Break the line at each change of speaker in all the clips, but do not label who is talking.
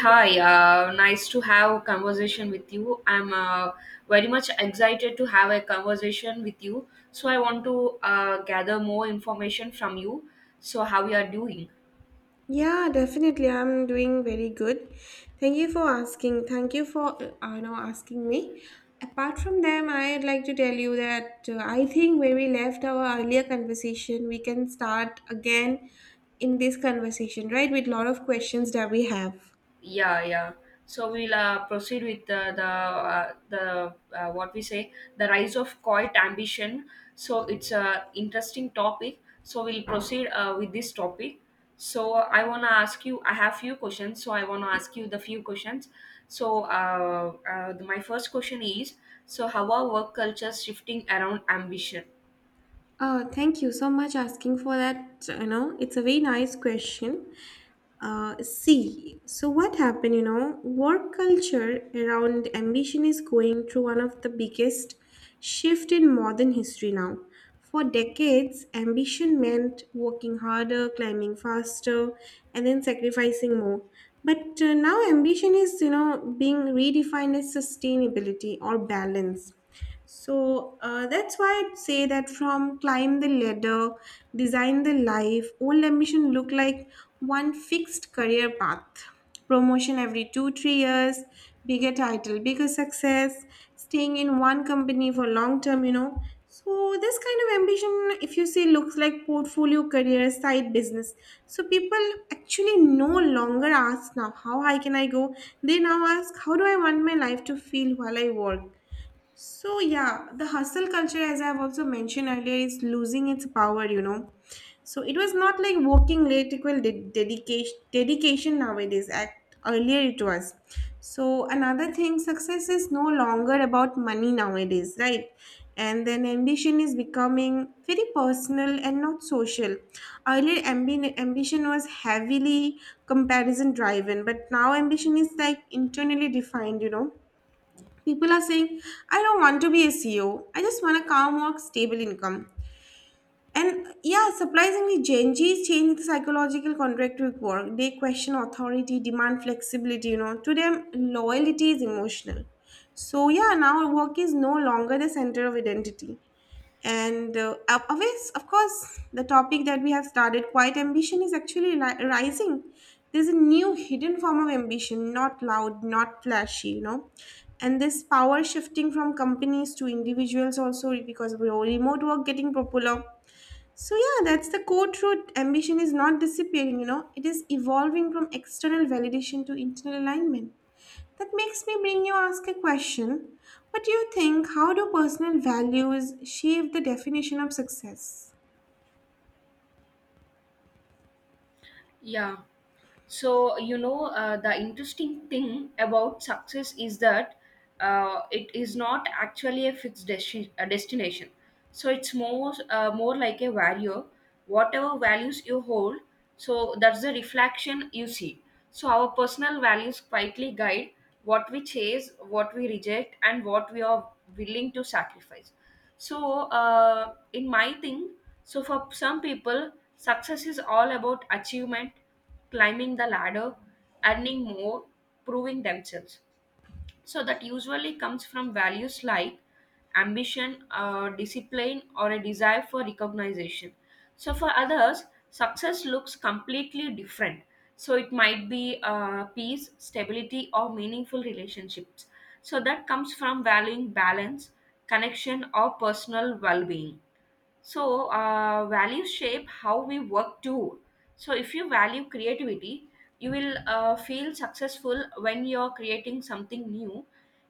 Hi, nice to have a conversation with you. I'm very much excited to have a conversation with you. So I want to gather more information from you. So how you are doing?
Yeah, definitely. I'm doing very good. Thank you for asking. Thank you for asking me. Apart from them, I'd like to tell you that I think where we left our earlier conversation, we can start again in this conversation, right? With lot of questions that we have.
Yeah, yeah. So we'll proceed with the what we say the rise of coit ambition. So it's a interesting topic. So we'll proceed with this topic. So I wanna ask you. I have few questions. So I wanna ask you the few questions. So my first question is. So how are work cultures shifting around ambition?
Thank you so much asking for that. It's a very nice question. See, so what happened, work culture around ambition is going through one of the biggest shift in modern history now. For decades, ambition meant working harder, climbing faster, and then sacrificing more. But now ambition is, being redefined as sustainability or balance. So that's why I'd say that from climb the ladder, design the life, old ambition look like one fixed career path. Promotion every 2, 3 years, bigger title, bigger success, staying in one company for long term. So this kind of ambition, if you see, looks like portfolio, career, side business. So people actually no longer ask now, how high can I go? They now ask, how do I want my life to feel while I work? So, yeah, the hustle culture, as I've also mentioned earlier, is losing its power. So, it was not like working late equal dedication nowadays. At earlier, it was. So, another thing, success is no longer about money nowadays, right? And then ambition is becoming very personal and not social. Earlier, ambition was heavily comparison driven, but now ambition is like internally defined, people are saying, I don't want to be a CEO. I just want a calm work stable income. And yeah, surprisingly, Gen Z is changing the psychological contract with work. They question authority, demand flexibility, to them loyalty is emotional. So yeah, now work is no longer the center of identity. And of course, the topic that we have started, quiet ambition, is actually rising. There's a new hidden form of ambition, not loud, not flashy. And this power shifting from companies to individuals also because of remote work getting popular. So yeah, that's the core truth. Ambition is not disappearing. It is evolving from external validation to internal alignment. That makes me bring you ask a question. What do you think? How do personal values shape the definition of success?
Yeah. So you know, the interesting thing about success is that it is not actually a a destination. So it's more more like a value. Whatever values you hold, so that's the reflection you see. So our personal values quietly guide what we chase, what we reject, and what we are willing to sacrifice. So, in my thing, so for some people, success is all about achievement, climbing the ladder, earning more, proving themselves. So that usually comes from values like ambition, discipline, or a desire for recognition. So for others, success looks completely different. So it might be peace, stability, or meaningful relationships. So that comes from valuing balance, connection, or personal well being. So values shape how we work too. So if you value creativity, you will feel successful when you're creating something new,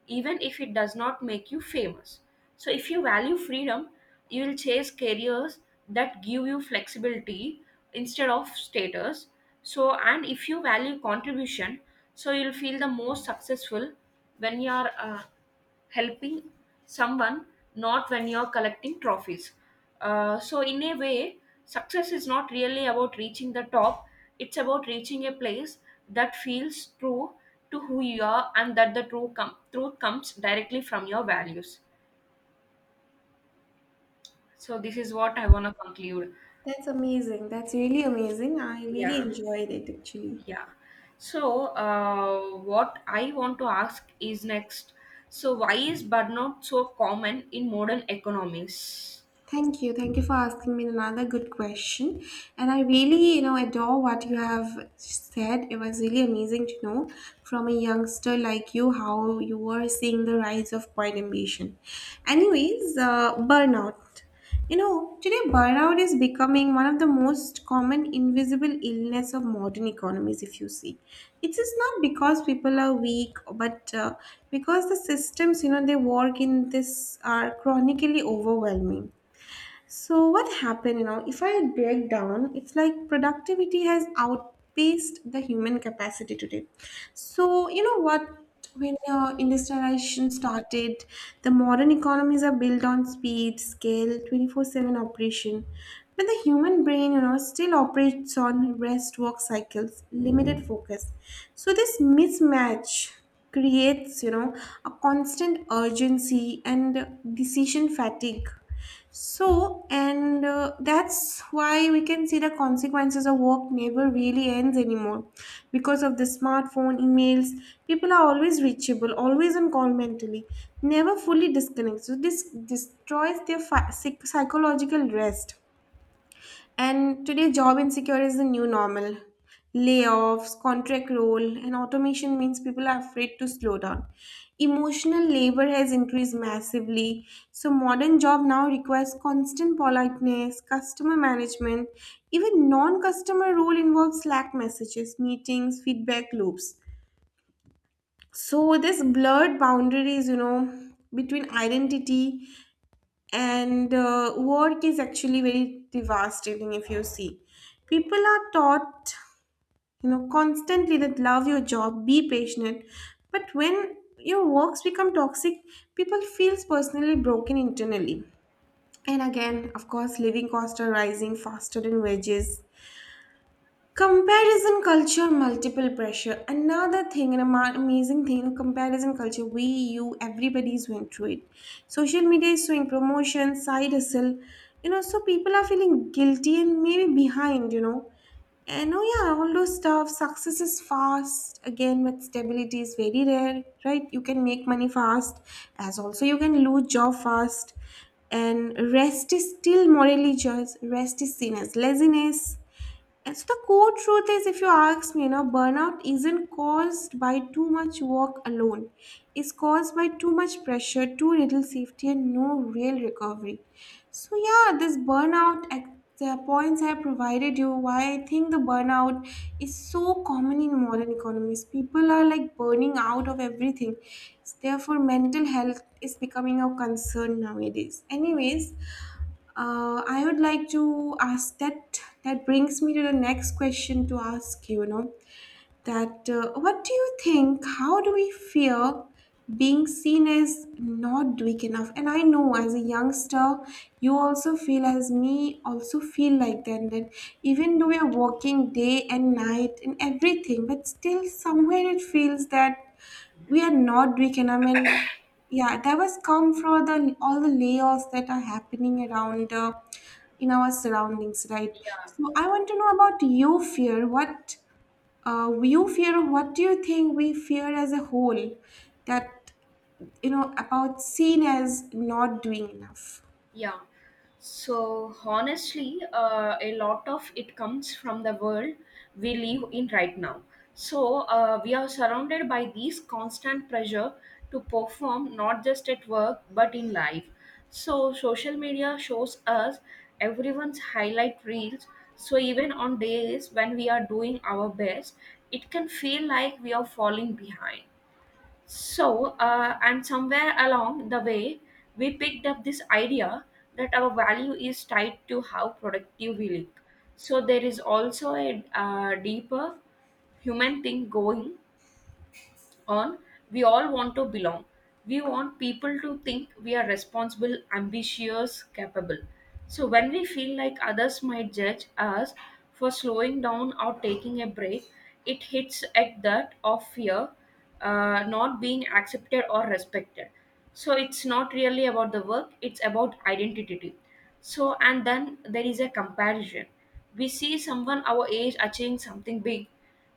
even if it does not make you famous. So if you value freedom, you will chase careers that give you flexibility instead of status. So and if you value contribution, so you'll feel the most successful when you are helping someone, not when you're collecting trophies. So, in a way, success is not really about reaching the top, it's about reaching a place that feels true to who you are, and that the truth comes directly from your values. So, this is what I want to conclude.
That's amazing. That's really amazing. I really
Yeah,
enjoyed it actually.
yeah. So, what I want to ask is next. So, why is burnout so common in modern economies?
Thank you. Thank you for asking me another good question. And I really, adore what you have said. It was really amazing to know from a youngster like you how you were seeing the rise of quiet ambition. Anyways, burnout. Today burnout is becoming one of the most common invisible illness of modern economies, if you see. It is not because people are weak, but because the systems, they work in this are chronically overwhelming. So what happened, if I break down, it's like productivity has outpaced the human capacity today. So you know what? When industrialization started, the modern economies are built on speed, scale, 24/7 operation. But the human brain, still operates on rest work cycles, limited focus. So this mismatch creates, a constant urgency and decision fatigue. So, and that's why we can see the consequences of work never really ends anymore. Because of the smartphone, emails, people are always reachable, always on call mentally, never fully disconnected. So, this destroys their psychological rest. And today, job insecure is the new normal. Layoffs, contract roll, and automation means people are afraid to slow down. Emotional labor has increased massively. So, modern job now requires constant politeness, customer management. Even non customer role involves Slack messages, meetings, feedback loops. So, this blurred boundaries, between identity and work is actually very devastating if you see. People are taught constantly that love your job, be passionate. But when your works become toxic, people feels personally broken internally. And again, of course, living costs are rising faster than wages. Comparison culture, multiple pressure. Another thing, an amazing thing, comparison culture. We, you, everybody's went through it. Social media is showing promotion, side hustle. So people are feeling guilty and maybe behind. And oh yeah, all those stuff. Success is fast again, but stability is very rare, right? You can make money fast, as also you can lose job fast. And rest is still morally judged. Rest is seen as laziness. And so the core truth is, if you ask me, burnout isn't caused by too much work alone. It's caused by too much pressure, too little safety, and no real recovery. So yeah, this burnout, the points I provided you, why I think the burnout is so common in modern economies. People are like burning out of everything. Therefore, mental health is becoming a concern nowadays. Anyways, I would like to ask that brings me to the next question to ask you, you know that what do you think, how do we fear being seen as not doing enough? And I know as a youngster you also feel, as me also feel like that, even though we are working day and night and everything, but still somewhere it feels that we are not doing enough. I mean, yeah, that was come from the all the layoffs that are happening around in our surroundings, right?
Yeah.
So I want to know about your fear, what you fear, what do you think we fear as a whole, that you know about seen as not doing enough.
Yeah. So honestly, a lot of it comes from the world we live in right now. So we are surrounded by these constant pressure to perform, not just at work but in life. So social media shows us everyone's highlight reels. So even on days when we are doing our best, it can feel like we are falling behind. So, and somewhere along the way, we picked up this idea that our value is tied to how productive we look. So, there is also a deeper human thing going on. We all want to belong. We want people to think we are responsible, ambitious, capable. So when we feel like others might judge us for slowing down or taking a break, it hits at that of fear, not being accepted or respected. So it's not really about the work, it's about identity. So and then there is a comparison. We see someone our age achieving something big,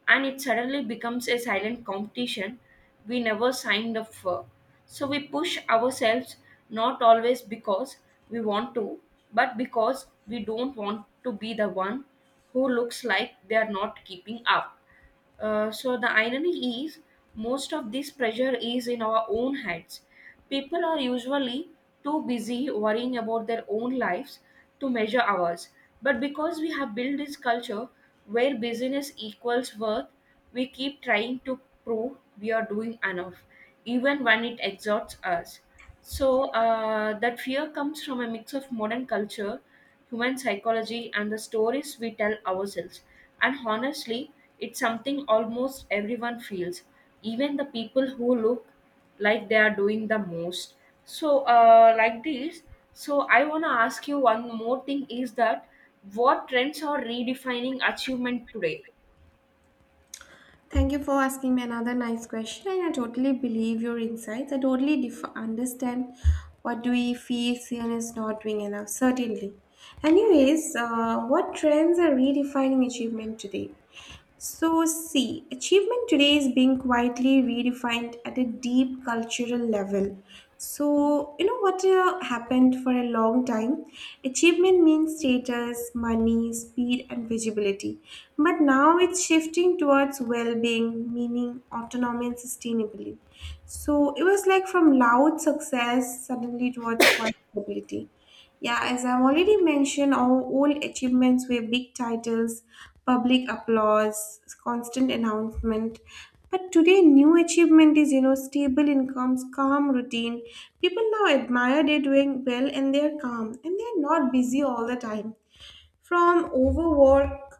and it suddenly becomes a silent competition we never signed up for. So we push ourselves, not always because we want to, but because we don't want to be the one who looks like they are not keeping up. So the irony is most of this pressure is in our own heads. People are usually too busy worrying about their own lives to measure ours. But because we have built this culture where busyness equals worth, we keep trying to prove we are doing enough, even when it exhausts us. So that fear comes from a mix of modern culture, human psychology, and the stories we tell ourselves. And honestly, it's something almost everyone feels, even the people who look like they are doing the most. So, like this, so I want to ask you one more thing is that what trends are redefining achievement today?
Thank you for asking me another nice question. And I totally believe your insights. I totally understand what do we feel seen as not doing enough, certainly. Anyways, what trends are redefining achievement today? So, see, achievement today is being quietly redefined at a deep cultural level. So, you know what happened for a long time? Achievement means status, money, speed, and visibility. But now it's shifting towards well being, meaning autonomy and sustainability. So, it was like from loud success suddenly towards quiet stability. Yeah, as I've already mentioned, our old achievements were big titles, public applause, constant announcement. But today, new achievement is, stable incomes, calm routine. People now admire they're doing well and they're calm and they're not busy all the time. From overwork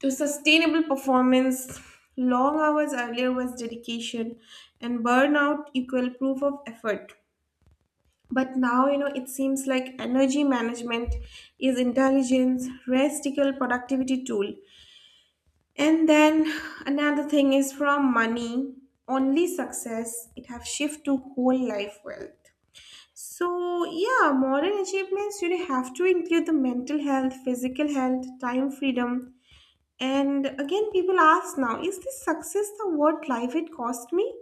to sustainable performance, long hours earlier was dedication, and burnout equal proof of effort. But now, it seems like energy management is intelligence, restical productivity tool. And then another thing is from money, only success, it have shift to whole life wealth. So yeah, modern achievements you have to include the mental health, physical health, time freedom. And again, people ask now, is this success the what life it cost me?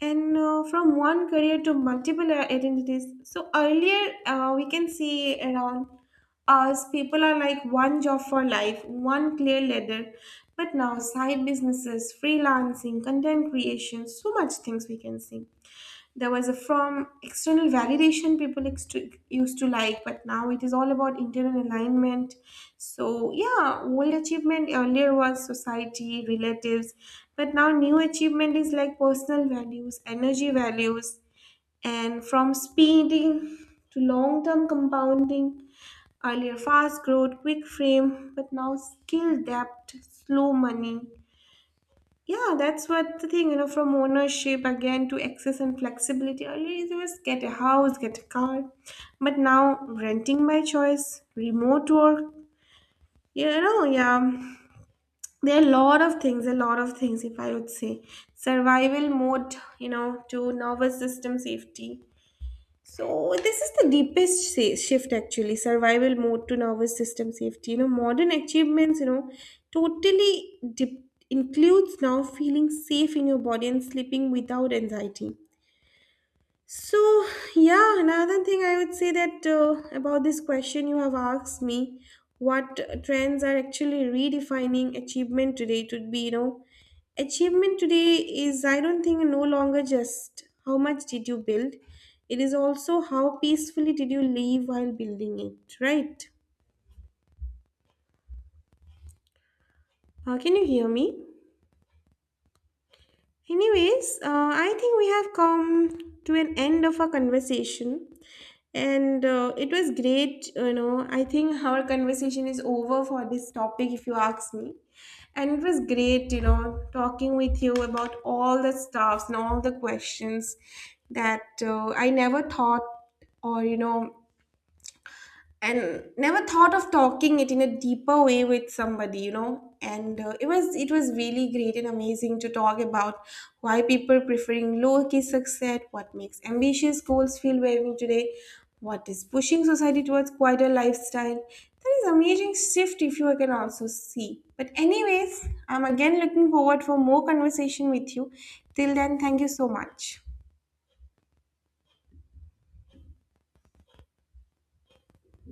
And from one career to multiple identities. So earlier, we can see around us people are like one job for life, one clear ladder. But now, side businesses, freelancing, content creation, so much things we can see. There was a, from external validation, people used to like. But now it is all about internal alignment. So yeah, old achievement earlier was society relatives, but now new achievement is like personal values, energy values. And from speeding to long-term compounding, earlier fast growth, quick frame, but now skill depth, slow money. Yeah, that's what the thing, from ownership again to access and flexibility. Earlier, it was get a house, get a car. But now, renting by choice, remote work, yeah. There are a lot of things, a lot of things, if I would say. Survival mode, to nervous system safety. So this is the deepest shift actually, survival mode to nervous system safety. Modern achievements, totally includes now feeling safe in your body and sleeping without anxiety. So, yeah, another thing I would say that about this question you have asked me, what trends are actually redefining achievement today? It would be, achievement today is, I don't think, no longer just how much did you build, it is also how peacefully did you live while building it, right? Can you hear me? Anyways, I think we have come to an end of our conversation, and it was great. I think our conversation is over for this topic, if you ask me. And it was great, talking with you about all the stuffs and all the questions that I never thought or and never thought of talking it in a deeper way with somebody and it was really great and amazing to talk about why people preferring low key success, what makes ambitious goals feel valuable today, what is pushing society towards quieter lifestyle. There is amazing shift if you can also see. But anyways, I'm again looking forward for more conversation with you. Till then, thank you so much.